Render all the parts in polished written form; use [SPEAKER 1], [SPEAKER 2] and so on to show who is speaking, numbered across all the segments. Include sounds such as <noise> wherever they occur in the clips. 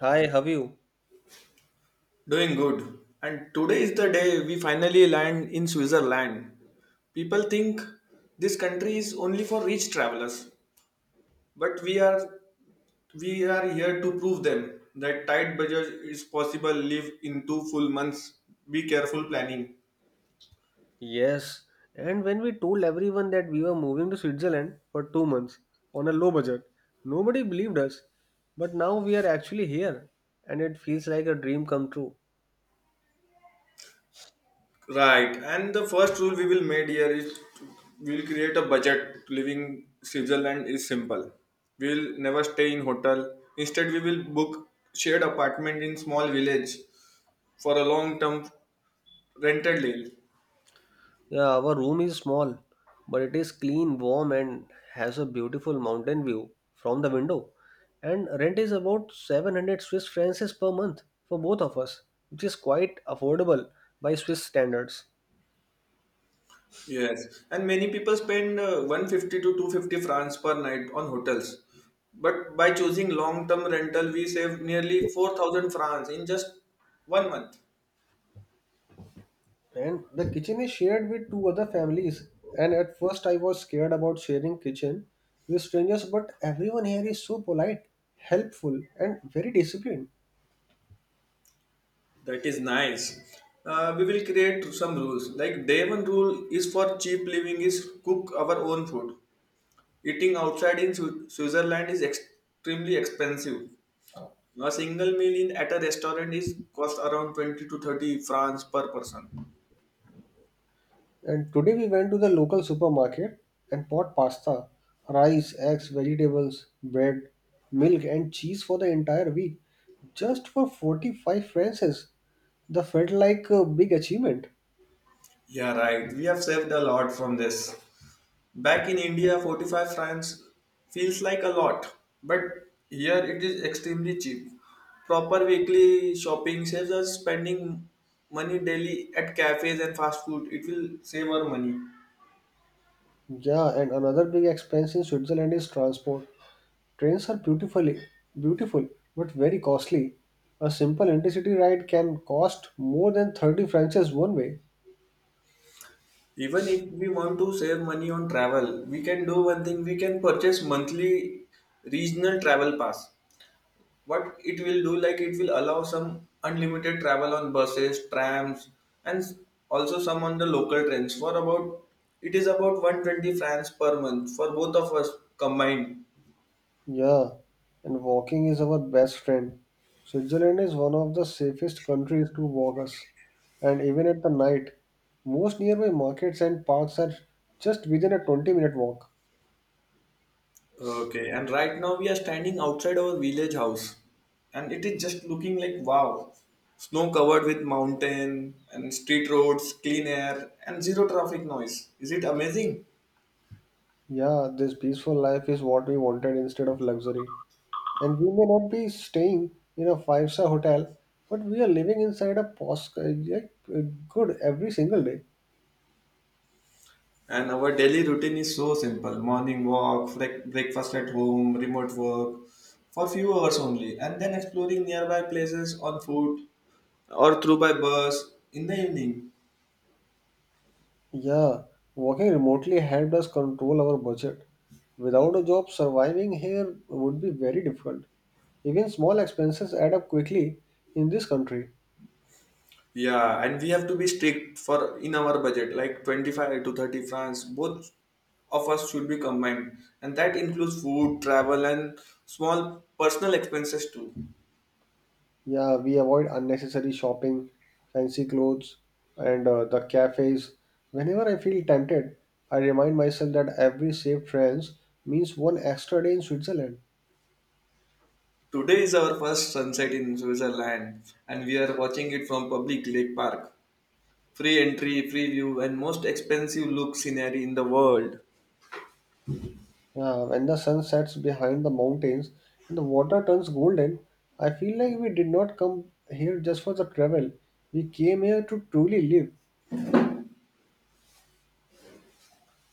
[SPEAKER 1] Hi, have you?
[SPEAKER 2] Doing good. And today is the day we finally land in Switzerland. People think this country is only for rich travelers, but we are here to prove them that tight budget is possible. Live in two full months. Be careful planning.
[SPEAKER 1] Yes. And when we told everyone that we were moving to Switzerland for 2 months on a low budget, nobody believed us. But now we are actually here, and it feels like a dream come true.
[SPEAKER 2] Right. And the first rule we will made here is we'll create a budget. Living Switzerland is simple. We'll never stay in hotel. Instead, we will book shared apartment in small village for a long term rented leave.
[SPEAKER 1] Yeah, our room is small, but it is clean, warm, and has a beautiful mountain view from the window. And rent is about 700 Swiss francs per month for both of us, which is quite affordable by Swiss standards.
[SPEAKER 2] Yes, and many people spend 150 to 250 francs per night on hotels. But by choosing long term rental, we save nearly 4,000 francs in just one month.
[SPEAKER 1] And the kitchen is shared with two other families. And at first, I was scared about sharing kitchen with strangers, but everyone here is so polite, helpful, and very disciplined.
[SPEAKER 2] That is nice. We will create some rules. Like day one rule is for cheap living is cook our own food. Eating outside in Switzerland is extremely expensive. A single meal in at a restaurant is cost around 20 to 30 francs per person.
[SPEAKER 1] And today, we went to the local supermarket and bought pasta, rice, eggs, vegetables, bread, milk, and cheese for the entire week just for 45 francs. That felt like a big achievement.
[SPEAKER 2] Yeah, right. We have saved a lot from this. Back in India, 45 francs feels like a lot, but here it is extremely cheap. Proper weekly shopping saves us spending money daily at cafes and fast food. It will save our money.
[SPEAKER 1] Yeah, and another big expense in Switzerland is transport. Trains are beautiful but very costly. A simple intercity ride can cost more than 30 francs one way.
[SPEAKER 2] Even if we want to save money on travel, we can do one thing we can purchase monthly regional travel pass. What it will do like it will allow some unlimited travel on buses, trams, and also some on the local trains for about it is about 120 francs per month for both of us combined.
[SPEAKER 1] Yeah, and walking is our best friend. Switzerland is one of the safest countries to walk us, and even at the night, most nearby markets and parks are just within a 20-minute walk.
[SPEAKER 2] Okay, and right now we are standing outside our village house, and it is just looking like wow, snow covered with mountain and street roads, clean air and zero traffic noise. Is it amazing?
[SPEAKER 1] Yeah, this peaceful life is what we wanted instead of luxury. And we may not be staying in a five-star hotel, but we are living inside a post like good every single day.
[SPEAKER 2] And our daily routine is so simple: morning walk, breakfast at home, remote work for few hours only, and then exploring nearby places on foot or through by bus in the evening.
[SPEAKER 1] Yeah, working remotely helped us control our budget. Without a job, surviving here would be very difficult. Even small expenses add up quickly in this country.
[SPEAKER 2] Yeah, and we have to be strict for in our budget, like 25 to 30 francs. Both of us should be combined, and that includes food, travel, and small personal expenses too.
[SPEAKER 1] Yeah, we avoid unnecessary shopping, fancy clothes, and the cafes. Whenever I feel tempted, I remind myself that every saved francs means one extra day in Switzerland.
[SPEAKER 2] Today is our first sunset in Switzerland, and we are watching it from public lake park. Free entry, free view, and most expensive look scenery in the world.
[SPEAKER 1] Yeah, when the sun sets behind the mountains and the water turns golden, I feel like we did not come here just for the travel. We came here to truly live.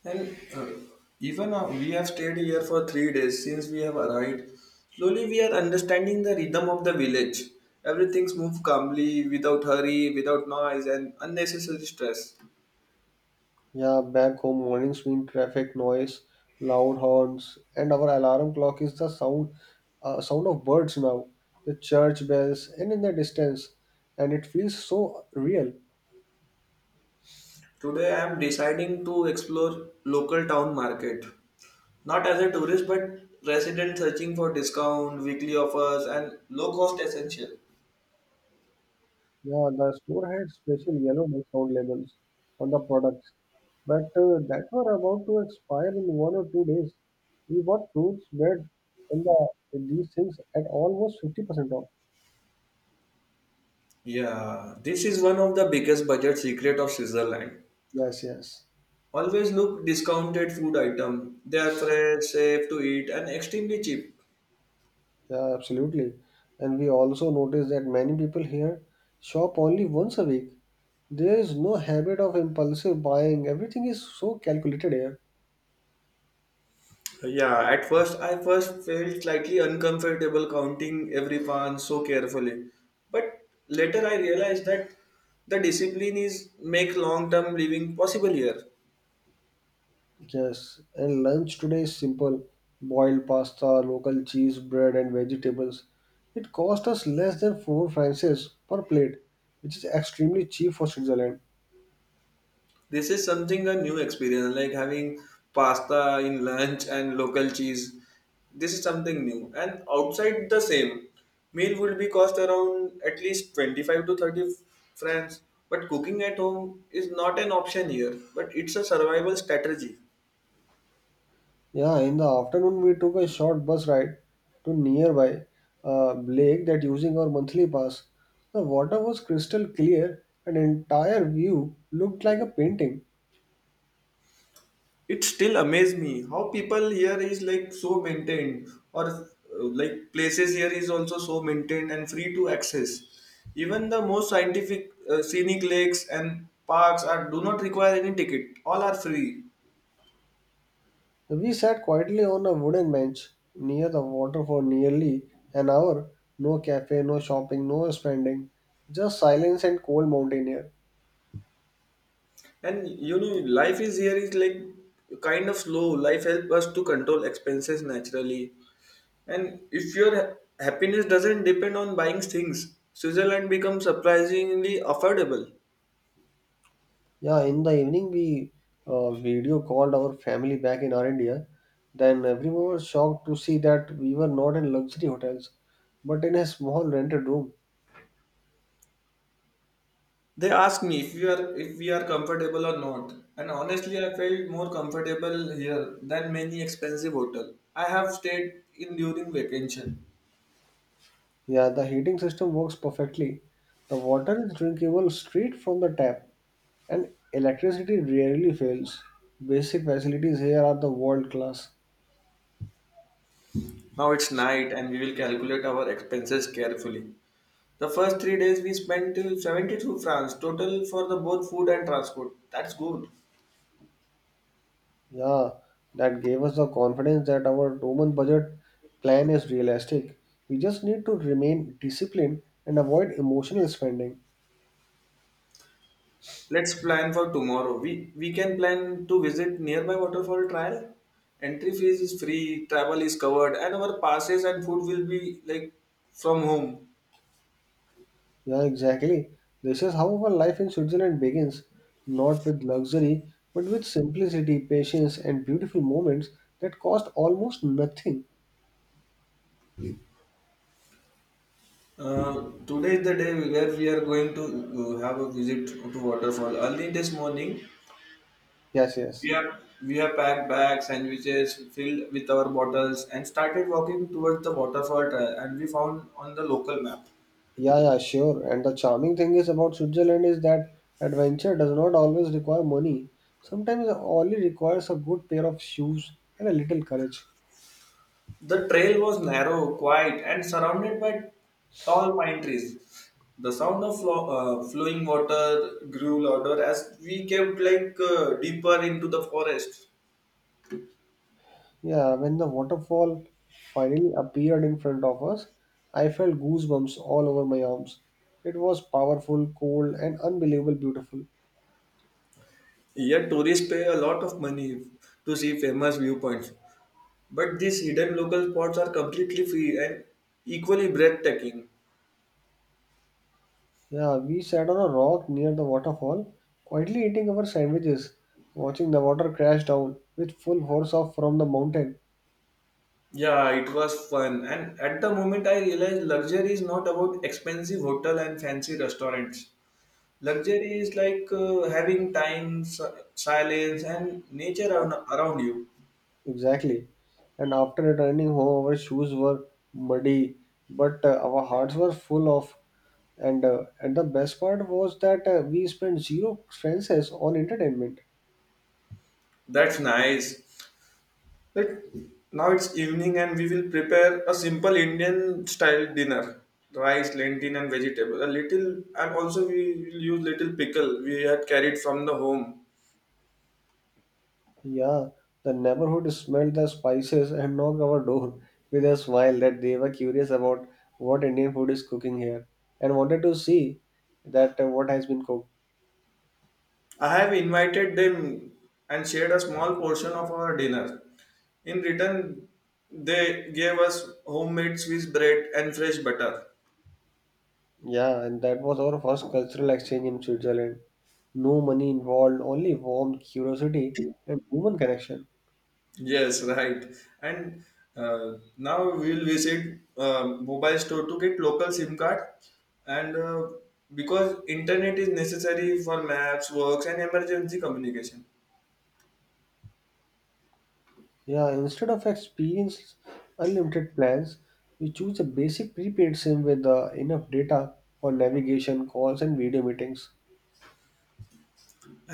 [SPEAKER 2] And even we have stayed here for 3 days since we have arrived. Slowly, we are understanding the rhythm of the village. Everything's moved calmly, without hurry, without noise, and unnecessary stress.
[SPEAKER 1] Yeah, back home mornings mean traffic noise, loud horns, and our alarm clock is the sound of birds now, the church bells, and in the distance, and it feels so real.
[SPEAKER 2] Today, I am deciding to explore local town market, not as a tourist, but resident searching for discount, weekly offers, and low cost essential.
[SPEAKER 1] Yeah, the store had special yellow discount labels on the products, but that were about to expire in 1 or 2 days. We bought fruits, bread, and these things at almost 50% off.
[SPEAKER 2] Yeah, this is one of the biggest budget secret of Switzerland.
[SPEAKER 1] Yes, yes,
[SPEAKER 2] Always look discounted food item. They are fresh, safe to eat, and extremely cheap.
[SPEAKER 1] yeah, absolutely. And we also noticed that many people here shop only once a week. There is no habit of impulsive buying, everything is so calculated here.
[SPEAKER 2] Yeah, at first I first felt slightly uncomfortable counting every pound so carefully, but later I realized that the discipline is make long term living possible here.
[SPEAKER 1] Yes, and lunch today is simple boiled pasta, local cheese, bread, and vegetables. It cost us less than 4 francs per plate, which is extremely cheap for Switzerland.
[SPEAKER 2] This is something a new experience, like having pasta in lunch and local cheese. This is something new. And outside the same, meal would be cost around at least 25 to 30 francs. But cooking at home is not an option here, but it's a survival strategy.
[SPEAKER 1] Yeah, in the afternoon, we took a short bus ride to nearby lake that using our monthly pass. The water was crystal clear, and entire view looked like a painting.
[SPEAKER 2] It still amazes me how people here is like so maintained or like places here is also so maintained and free to access. Even the most scientific scenic lakes and parks are do not require any ticket, all are free.
[SPEAKER 1] We sat quietly on a wooden bench near the water for nearly an hour. No cafe, no shopping, no spending, just silence and cold mountain air.
[SPEAKER 2] And you know life is here is like kind of slow life helps us to control expenses naturally. And if your happiness doesn't depend on buying things, Switzerland becomes surprisingly affordable.
[SPEAKER 1] Yeah, in the evening we video called our family back in our India. Then everyone was shocked to see that we were not in luxury hotels, but in a small rented room.
[SPEAKER 2] They asked me if we are comfortable or not, and honestly, I felt more comfortable here than many expensive hotel I have stayed in during vacation.
[SPEAKER 1] Yeah, the heating system works perfectly. The water is drinkable straight from the tap. And electricity rarely fails. Basic facilities here are the world class.
[SPEAKER 2] Now it's night, and we will calculate our expenses carefully. The first 3 days we spent till 70 to France total for the both food and transport. That's good.
[SPEAKER 1] Yeah, that gave us the confidence that our Roman budget plan is realistic. We just need to remain disciplined and avoid emotional spending.
[SPEAKER 2] Let's plan for tomorrow. We can plan to visit nearby waterfall trial. Entry fees is free, travel is covered, and our passes and food will be like from home.
[SPEAKER 1] Yeah, exactly. This is how our life in Switzerland begins, not with luxury, but with simplicity, patience, and beautiful moments that cost almost nothing.
[SPEAKER 2] Today is the day where we are going to have a visit to waterfall. Early this morning,
[SPEAKER 1] Yes,
[SPEAKER 2] we
[SPEAKER 1] yes.
[SPEAKER 2] have we have packed bags, sandwiches filled with our bottles, and started walking towards the waterfall. Trail, and we found on the local map,
[SPEAKER 1] Yeah, yeah, sure. And the charming thing is about Switzerland is that adventure does not always require money. Sometimes it only requires a good pair of shoes and a little courage.
[SPEAKER 2] the trail was narrow, quiet, and surrounded by tall pine trees. The sound of flowing water grew louder as we kept like deeper into the forest.
[SPEAKER 1] Yeah, when the waterfall finally appeared in front of us, I felt goosebumps all over my arms. It was powerful, cold, and unbelievable beautiful.
[SPEAKER 2] Yet tourists pay a lot of money to see famous viewpoints. But these hidden local spots are completely free and equally breathtaking.
[SPEAKER 1] Yeah, we sat on a rock near the waterfall, quietly eating our sandwiches, watching the water crash down with full force off from the mountain.
[SPEAKER 2] Yeah, it was fun. And at the moment, I realized luxury is not about expensive hotel and fancy restaurants. Luxury is like having time, silence, and nature around you.
[SPEAKER 1] Exactly. And after returning home, our shoes were muddy, but our hearts were full of. And the best part was that we spent zero expenses on entertainment.
[SPEAKER 2] That's nice. Like now it's evening, and we will prepare a simple Indian style dinner: rice, lentil, and vegetable. A little, and also we will use little pickle we had carried from the home.
[SPEAKER 1] Yeah, the neighborhood smelled the spices and knocked our door with a smile that they were curious about what Indian food is cooking here and wanted to see that what has been cooked.
[SPEAKER 2] I have invited them and shared a small portion of our dinner. In return, they gave us homemade Swiss bread and fresh butter.
[SPEAKER 1] Yeah, and that was our first cultural exchange in Switzerland. No money involved, only warm curiosity and human connection.
[SPEAKER 2] Yes, right. And Now we will visit mobile store to get local SIM card. And Because internet is necessary for maps, works, and emergency communication.
[SPEAKER 1] Yeah, instead of experience unlimited plans, we choose a basic prepaid SIM with enough data for navigation, calls, and video meetings.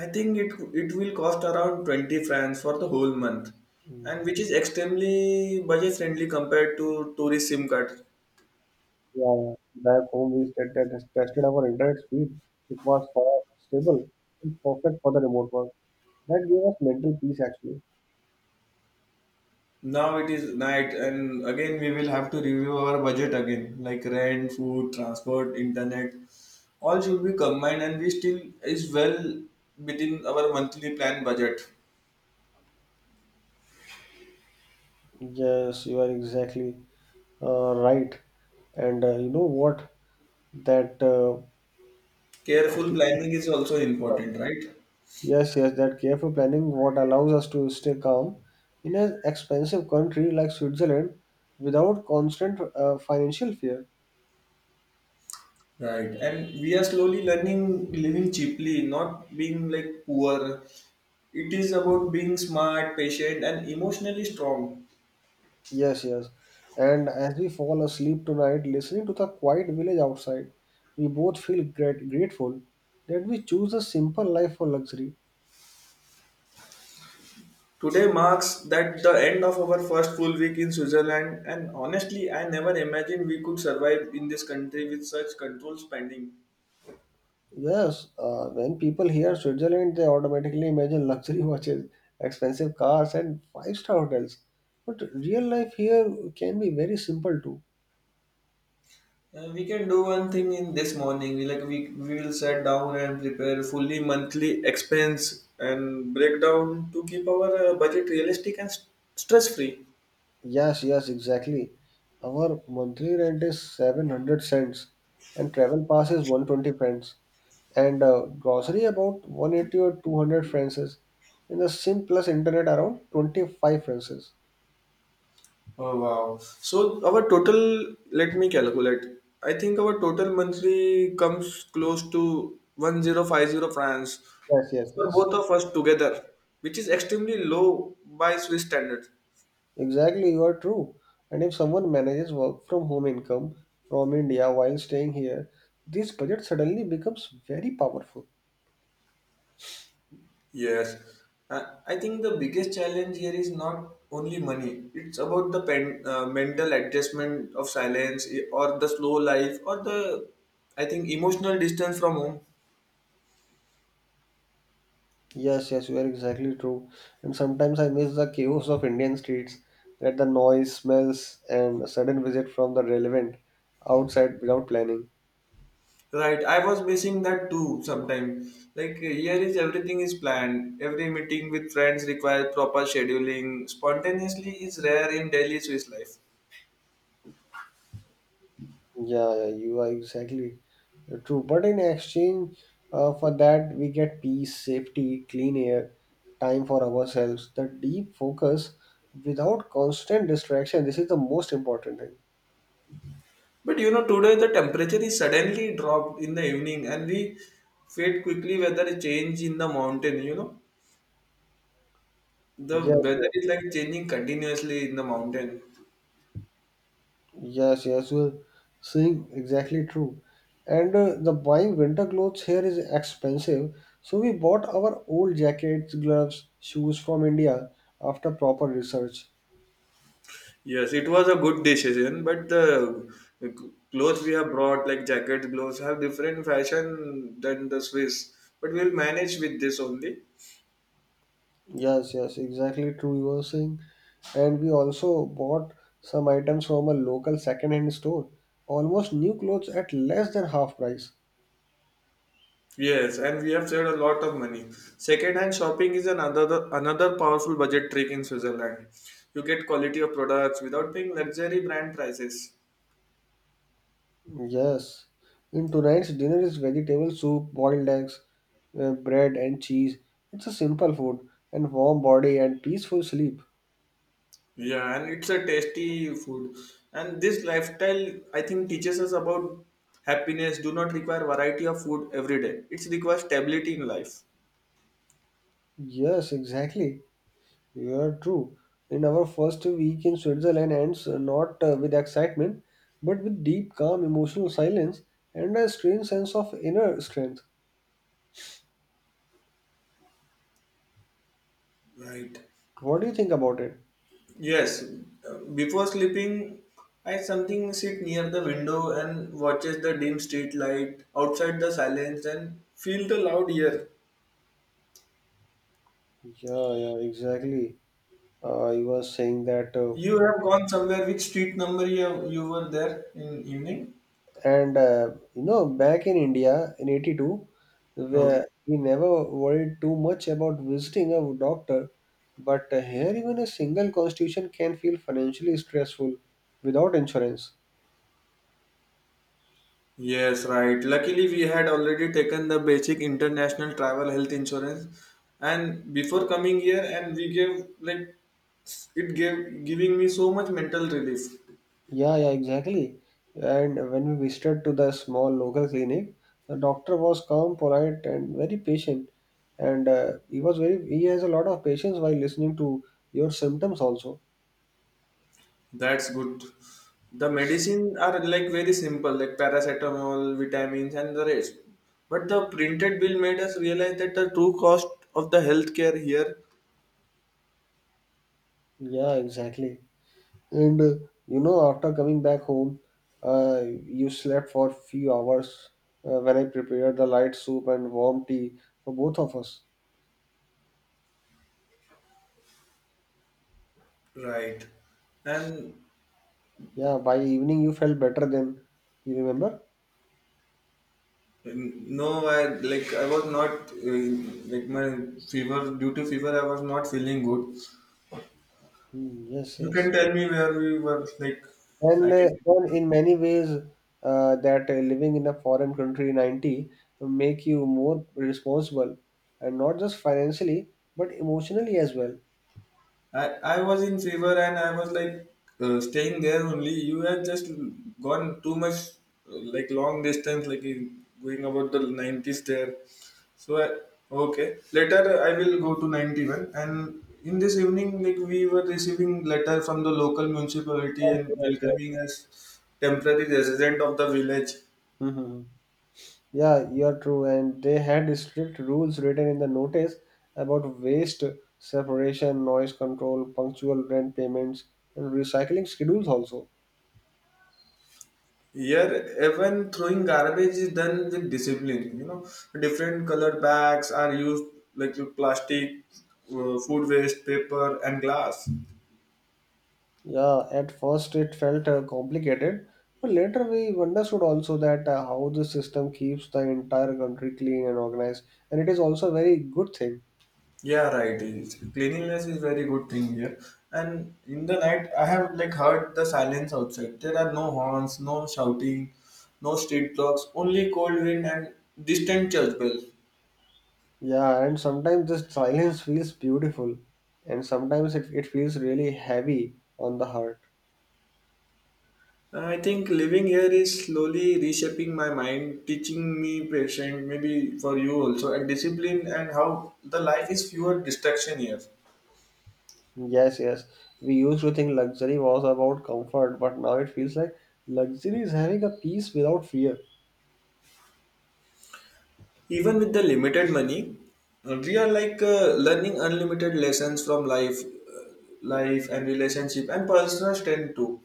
[SPEAKER 2] I think it will cost around 20 francs for the whole month, and
[SPEAKER 1] Mm.
[SPEAKER 2] which is extremely budget friendly compared to tourist SIM card.
[SPEAKER 1] Yeah, back home we said that tested our internet speed. It was fast, stable, and perfect for the remote work. That gave us mental peace actually.
[SPEAKER 2] Now it is night, and again we will have to review our budget again, like rent, food, transport, internet, all should be combined, and we still is well within our monthly plan budget.
[SPEAKER 1] Yes, you are exactly. Right. And you know what? That
[SPEAKER 2] Careful
[SPEAKER 1] Actually,
[SPEAKER 2] planning is also important, right?
[SPEAKER 1] yes, yes, that careful planning what allows us to stay calm in an expensive country like Switzerland without constant financial fear.
[SPEAKER 2] Right, and we are slowly learning living cheaply, not being like poor. It is about being smart, patient, and emotionally strong.
[SPEAKER 1] Yes, yes. And as we fall asleep tonight, listening to the quiet village outside, we both feel great, grateful that we choose a simple life for luxury.
[SPEAKER 2] Today marks that the end of our first full week in Switzerland, and honestly, I never imagined we could survive in this country with such controlled spending.
[SPEAKER 1] Yes, when people hear Switzerland, they automatically imagine luxury <laughs> watches, expensive cars, and five-star hotels. But real life here can be very simple too.
[SPEAKER 2] We can do one thing in this morning. We will sit down and prepare fully monthly expense and breakdown to keep our budget realistic and stress free.
[SPEAKER 1] Yes, yes, exactly. Our monthly rent is 700 cents, and travel pass is 120 francs, and grocery about 180 or 200 francs, and the SIM plus internet around 25 francs.
[SPEAKER 2] Oh wow. So our total, let me calculate. I think our total monthly comes close to 1050 francs
[SPEAKER 1] Yes, yes,
[SPEAKER 2] for
[SPEAKER 1] yes.
[SPEAKER 2] both of us together, which is extremely low by Swiss standards.
[SPEAKER 1] Exactly, you are true. And if someone manages work from home income from India while staying here, this budget suddenly becomes very powerful.
[SPEAKER 2] Yes. I think the biggest challenge here is not only money. It's about the pen, mental adjustment of silence, or the slow life, or the I think emotional distance from home.
[SPEAKER 1] Yes, yes, you are exactly true. And sometimes I miss the chaos of Indian streets, that the noise, smells, and a sudden visit from the relevant outside without planning.
[SPEAKER 2] Right, I was missing that too sometimes. Like here is everything is planned. Every meeting with friends requires proper scheduling. Spontaneously is rare in daily Swiss life.
[SPEAKER 1] Yeah, yeah, you are exactly true. But in exchange for that, we get peace, safety, clean air, time for ourselves, the deep focus without constant distraction. This is the most important thing.
[SPEAKER 2] But you know, today the temperature is suddenly dropped in the evening and we fade quickly whether a change in the mountain, you know. The
[SPEAKER 1] Yes,
[SPEAKER 2] weather
[SPEAKER 1] yes,
[SPEAKER 2] is like changing continuously in the mountain.
[SPEAKER 1] yes, yes. You're saying exactly true. And the buying winter clothes here is expensive, so we bought our old jackets, gloves, shoes from India after proper research.
[SPEAKER 2] Yes, it was a good decision, but the clothes we have brought, like jackets, gloves, have different fashion than the Swiss. But we'll manage with this only.
[SPEAKER 1] Yes, yes, exactly true. You were saying, and we also bought some items from a local second-hand store. Almost new clothes at less than half price.
[SPEAKER 2] Yes, and we have saved a lot of money. Second-hand shopping is another powerful budget trick in Switzerland. You get quality of products without paying luxury brand prices.
[SPEAKER 1] Yes, in tonight's dinner is vegetable soup, boiled eggs, bread and cheese. It's a simple food and warm body and peaceful sleep.
[SPEAKER 2] Yeah, and it's a tasty food. And this lifestyle, I think, teaches us about happiness. Do not require variety of food every day. It requires stability in life.
[SPEAKER 1] Yes, exactly. Yeah, true. In our first week in Switzerland ends not with excitement, but with deep, calm, emotional silence and a strange sense of inner strength.
[SPEAKER 2] Right.
[SPEAKER 1] What do you think about it?
[SPEAKER 2] Yes. Before sleeping, I something sit near the window and watches the dim street light outside the silence and feel the loud air.
[SPEAKER 1] Yeah, yeah, exactly. You were saying that,
[SPEAKER 2] You have gone somewhere. Which street number you have, you were there in evening?
[SPEAKER 1] and back in India in '82,
[SPEAKER 2] Okay.
[SPEAKER 1] where we never worried too much about visiting a doctor, but here even a single constitution can feel financially stressful without insurance.
[SPEAKER 2] Yes, right. Luckily, we had already taken the basic international travel health insurance, and before coming here, and we gave like it gave giving me so much mental relief.
[SPEAKER 1] Yeah, yeah, exactly. And when we visited to the small local clinic, the doctor was calm, polite, and very patient. And he was very he has a lot of patience while listening to your symptoms also.
[SPEAKER 2] That's good. The medicine are like very simple, like paracetamol, vitamins, and the rest. But the printed bill made us realize that the true cost of the healthcare here.
[SPEAKER 1] Yeah, exactly. And after coming back home, you slept for few hours when I prepared the light soup and warm tea for both of us.
[SPEAKER 2] Right. And
[SPEAKER 1] Yeah, by evening you felt better then. You remember?
[SPEAKER 2] mm, no, I like I was not like my fever due to fever. I was not feeling good.
[SPEAKER 1] Hmm, yes,
[SPEAKER 2] You
[SPEAKER 1] yes.
[SPEAKER 2] can tell me where we were. Like I
[SPEAKER 1] And, uh,
[SPEAKER 2] can.
[SPEAKER 1] and in many ways, that living in a foreign country 90 make you more responsible, and not just financially, but emotionally as well.
[SPEAKER 2] I was in fever and I was like staying there only. You had just gone too much, like long distance, like in, going about the 90s there. So, I, okay. Later, I will go to 91. And in this evening, like we were receiving letter from the local municipality and welcoming us temporary resident of the village.
[SPEAKER 1] Hmm. Yeah, you're true. And they had strict rules written in the notice about waste separation, noise control, punctual rent payments, and recycling schedules also.
[SPEAKER 2] Here, even throwing garbage is done with discipline. You know, different colored bags are used like with plastic, food waste, paper, and glass.
[SPEAKER 1] Yeah, at first it felt complicated, but later we understood also that how the system keeps the entire country clean and organized, and it is also a very good thing.
[SPEAKER 2] Yeah, right. Is Cleanliness is very good thing here. And in the night, I have like heard the silence outside. There are no horns, no shouting, no street clocks, only cold wind and distant church bells.
[SPEAKER 1] Yeah, and sometimes this silence feels beautiful, and sometimes it feels really heavy on the heart.
[SPEAKER 2] I think living here is slowly reshaping my mind, teaching me patience, maybe for you also, and discipline, and how the life is fewer distraction here.
[SPEAKER 1] Yes, yes, we used to think luxury was about comfort, but now it feels like luxury is having a peace without fear.
[SPEAKER 2] Even with the limited money, we are like learning unlimited lessons from life, life and relationship and personal strength too.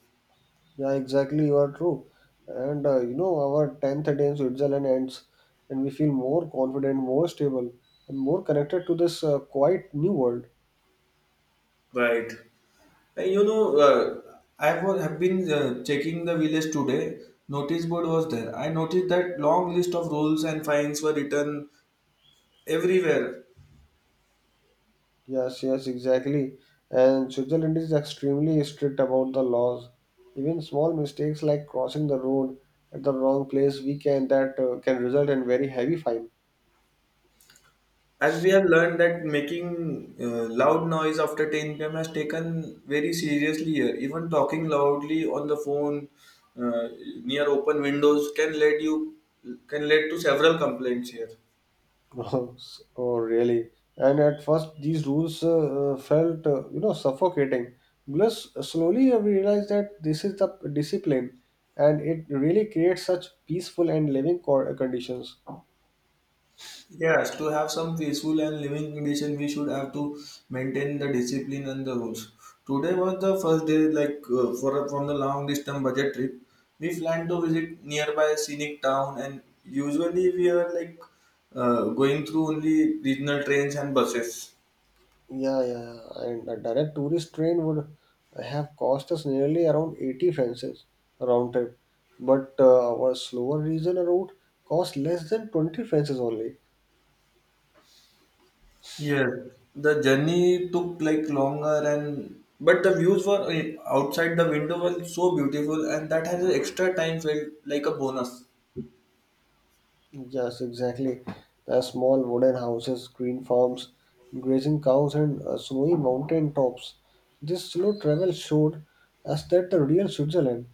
[SPEAKER 1] Yeah, exactly. You are true. And our 10th day in Switzerland ends, and we feel more confident, more stable, and more connected to this quite new world.
[SPEAKER 2] Right. And you know, have been checking the village today. Notice board was there. I noticed that long list of rules and fines were written everywhere
[SPEAKER 1] Yes, yes, exactly. And Switzerland is extremely strict about the laws. Even small mistakes like crossing the road at the wrong place, we can that can result in very heavy fine.
[SPEAKER 2] as we have learned that making loud noise after 10 p.m. has taken very seriously here. Even talking loudly on the phone uh, near open windows can lead to several complaints here.
[SPEAKER 1] <laughs> Gross. Oh, really? And at first, these rules felt, suffocating. Plus, slowly I realized that this is the discipline, and it really creates such peaceful and living conditions.
[SPEAKER 2] Yes, to have some peaceful and living condition, we should have to maintain the discipline and the rules. Today was the first day, like for from the long distance budget trip. We planned to visit nearby scenic town, and usually we are like going through only regional trains and buses.
[SPEAKER 1] Yeah, yeah, yeah. And a direct tourist train would have cost us nearly around 80 francs round trip, but our slower regional route cost less than 20 francs only.
[SPEAKER 2] Yeah, the journey took like longer and but the views were outside the window were so beautiful, and that has an extra time felt like a bonus.
[SPEAKER 1] Yes, exactly. The small wooden houses, green farms, grazing cows, and snowy mountain tops. This slow travel showed us that the real Switzerland.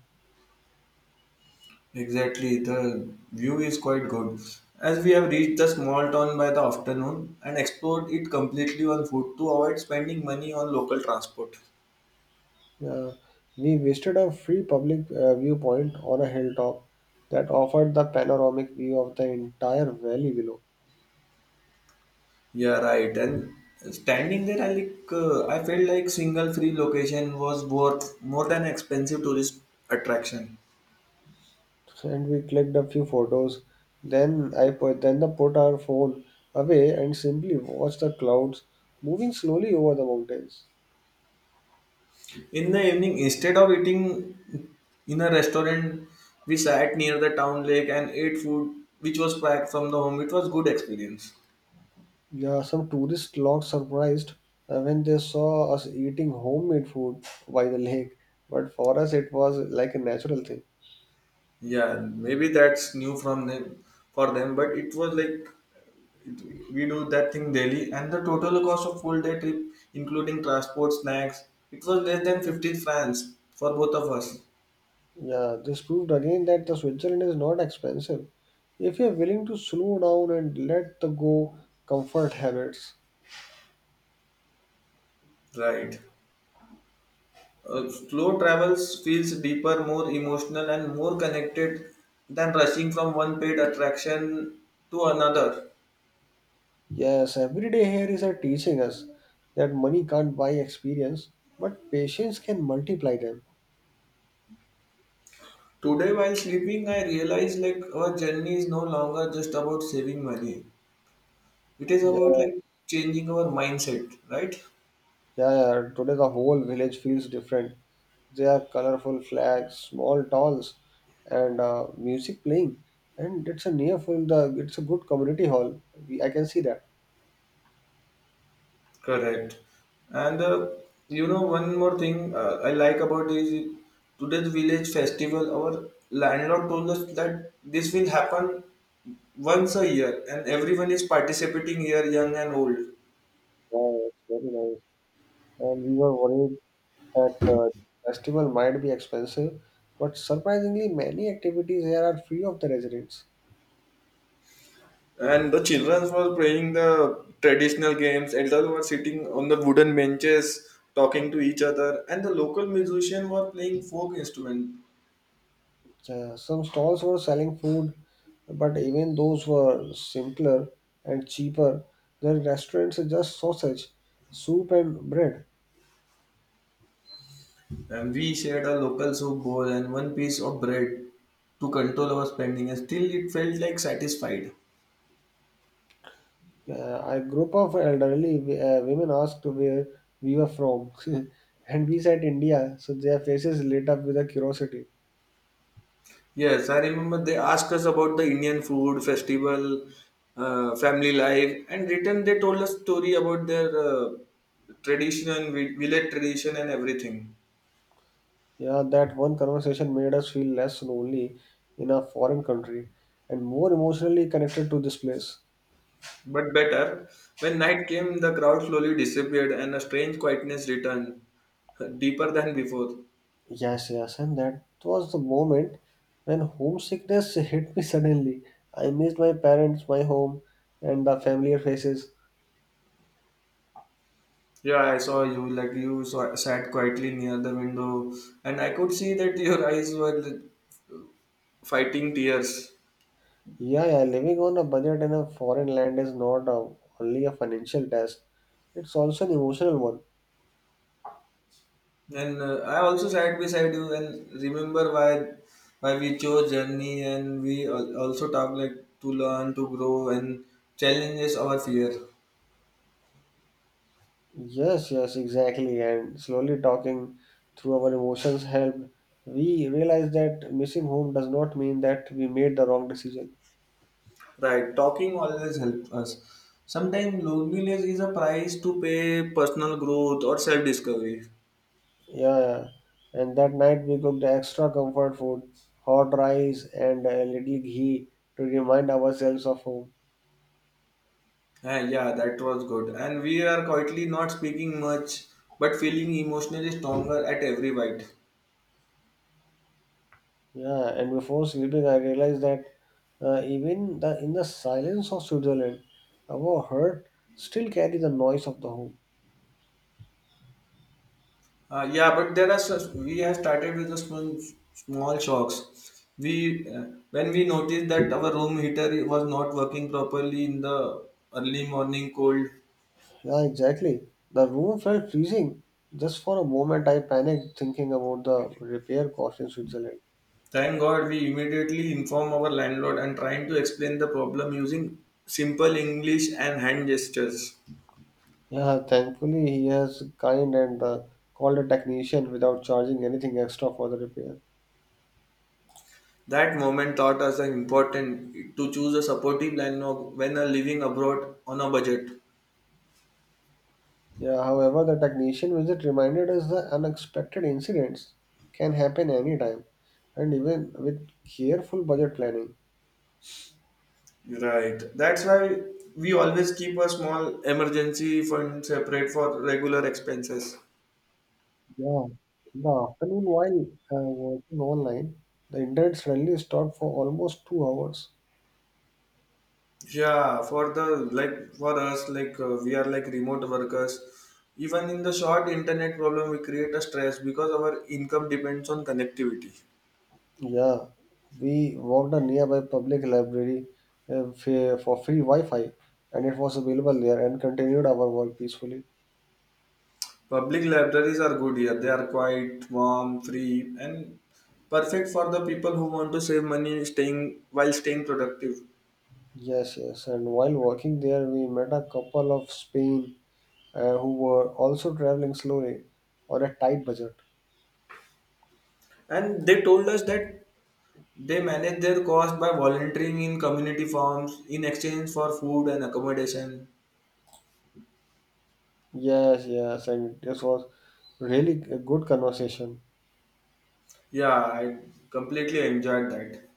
[SPEAKER 2] Exactly, the view is quite good. As we have reached the small town by the afternoon and explored it completely on foot to avoid spending money on local transport.
[SPEAKER 1] Uh, we visited a free public viewpoint on a hilltop that offered the panoramic view of the entire valley below.
[SPEAKER 2] Yeah, right. And standing there, I like I felt like single free location was worth more than expensive tourist attraction.
[SPEAKER 1] And we clicked a few photos. Then I put then the put our phone away and simply watched the clouds moving slowly over the mountains.
[SPEAKER 2] In the evening, instead of eating in a restaurant, we sat near the town lake and ate food which was packed from the home. It was good experience.
[SPEAKER 1] Yeah, some tourists looked surprised when they saw us eating homemade food by the lake, but for us it was like a natural thing.
[SPEAKER 2] Yeah, maybe that's new from them for them, but it was like it, we do that thing daily, and the total cost of full day trip, including transport, snacks, it was less than 15 francs for both of us.
[SPEAKER 1] Yeah, this proved again that the Switzerland is not expensive if you are willing to slow down and let the go comfort habits.
[SPEAKER 2] Right. Slow travels feels deeper, more emotional, and more connected than rushing from one paid attraction to another.
[SPEAKER 1] Yes, every day here is a teaching us that money can't buy experience, but patience can multiply them.
[SPEAKER 2] Today, while sleeping, I realized like our journey is no longer just about saving money. It is
[SPEAKER 1] Yeah,
[SPEAKER 2] about like changing our mindset, right?
[SPEAKER 1] yeah, today the whole village feels different. There are colorful flags, small dolls, and music playing. And it's a near full the it's a good community hall. I can see that.
[SPEAKER 2] Correct. And you know, one more thing I like about is today's village festival. Our landlord told us that this will happen once a year, and everyone is participating here, young and old.
[SPEAKER 1] Wow, it's very nice. And we were worried that festival might be expensive, but surprisingly, many activities here are free of the residents.
[SPEAKER 2] And the children were playing the traditional games. Elders were sitting on the wooden benches, talking to each other, and the local musicians were playing folk instruments.
[SPEAKER 1] Some stalls were selling food, but even those were simpler and cheaper than restaurants just sausage, soup, and bread.
[SPEAKER 2] And we shared a local soup bowl and one piece of bread to control our spending, and still it felt like satisfied.
[SPEAKER 1] A group of elderly women asked where we were from, <laughs> and we said India, so their faces lit up with a curiosity.
[SPEAKER 2] Yes, I remember they asked us about the Indian food festival, family life, and written they told us story about their tradition, village tradition, and everything.
[SPEAKER 1] Yeah, that one conversation made us feel less lonely in a foreign country and more emotionally connected to this place.
[SPEAKER 2] But better, when night came, the crowd slowly disappeared and a strange quietness returned, <laughs> deeper than before.
[SPEAKER 1] Yes, yes, and that was the moment when homesickness <laughs> hit me suddenly. I missed my parents, my home, and the familiar faces.
[SPEAKER 2] Yeah, I saw you. Like you saw, sat quietly near the window, and I could see that <laughs> your eyes were fighting tears.
[SPEAKER 1] Yeah, yeah, living on a budget in a foreign land is not a, only a financial test, it's also an emotional one.
[SPEAKER 2] And I also sat beside you and remember why we chose journey, and we also talk like to learn, to grow, and challenges our fear.
[SPEAKER 1] Yes, yes, exactly. And slowly talking through our emotions helped. We realized that missing home does not mean that we made the wrong decision.
[SPEAKER 2] Right, talking always helps us. Sometimes loneliness is a price to pay personal growth or self discovery.
[SPEAKER 1] Yeah, yeah. And that night we cooked extra comfort food, hot rice and a little ghee to remind ourselves of home.
[SPEAKER 2] Yeah, that was good. And we are quietly not speaking much, but feeling emotionally stronger at every bite.
[SPEAKER 1] Yeah, and before sleeping, I realized that even in the silence of Switzerland, our heart still carry the noise of the home.
[SPEAKER 2] Yeah, but there are such, we have started with the small, small shocks. We when we noticed that our room heater was not working properly in the early morning cold.
[SPEAKER 1] Yeah, exactly. The room felt freezing. Just for a moment, I panicked thinking about the repair cost in Switzerland.
[SPEAKER 2] Thank God we immediately inform our landlord and trying to explain the problem using simple English and hand gestures.
[SPEAKER 1] Yeah, thankfully he has kind and called a technician without charging anything extra for the repair.
[SPEAKER 2] That moment taught us the important to choose a supportive plan when living abroad on a budget.
[SPEAKER 1] Yeah, however, the technician visit reminded us that unexpected incidents can happen anytime, and even with careful budget planning.
[SPEAKER 2] Right. That's why we always keep a small emergency fund separate for regular expenses.
[SPEAKER 1] Yeah, in the afternoon while working online, the internet suddenly stopped for almost 2 hours.
[SPEAKER 2] Yeah, for the like for us like we are like remote workers. Even in the short internet problem, we create a stress because our income depends on connectivity.
[SPEAKER 1] Yeah, we walked a nearby public library for free Wi-Fi, and it was available there, and continued our work peacefully.
[SPEAKER 2] Public libraries are good here. They are quite warm, free, and perfect for the people who want to save money staying while staying productive.
[SPEAKER 1] Yes, yes, and while working there, we met a couple of Spain who were also traveling slowly on a tight budget.
[SPEAKER 2] And they told us that they manage their cost by volunteering in community forums in exchange for food and accommodation.
[SPEAKER 1] Yes, yes, and this was really a good conversation.
[SPEAKER 2] Yeah, I completely enjoyed that.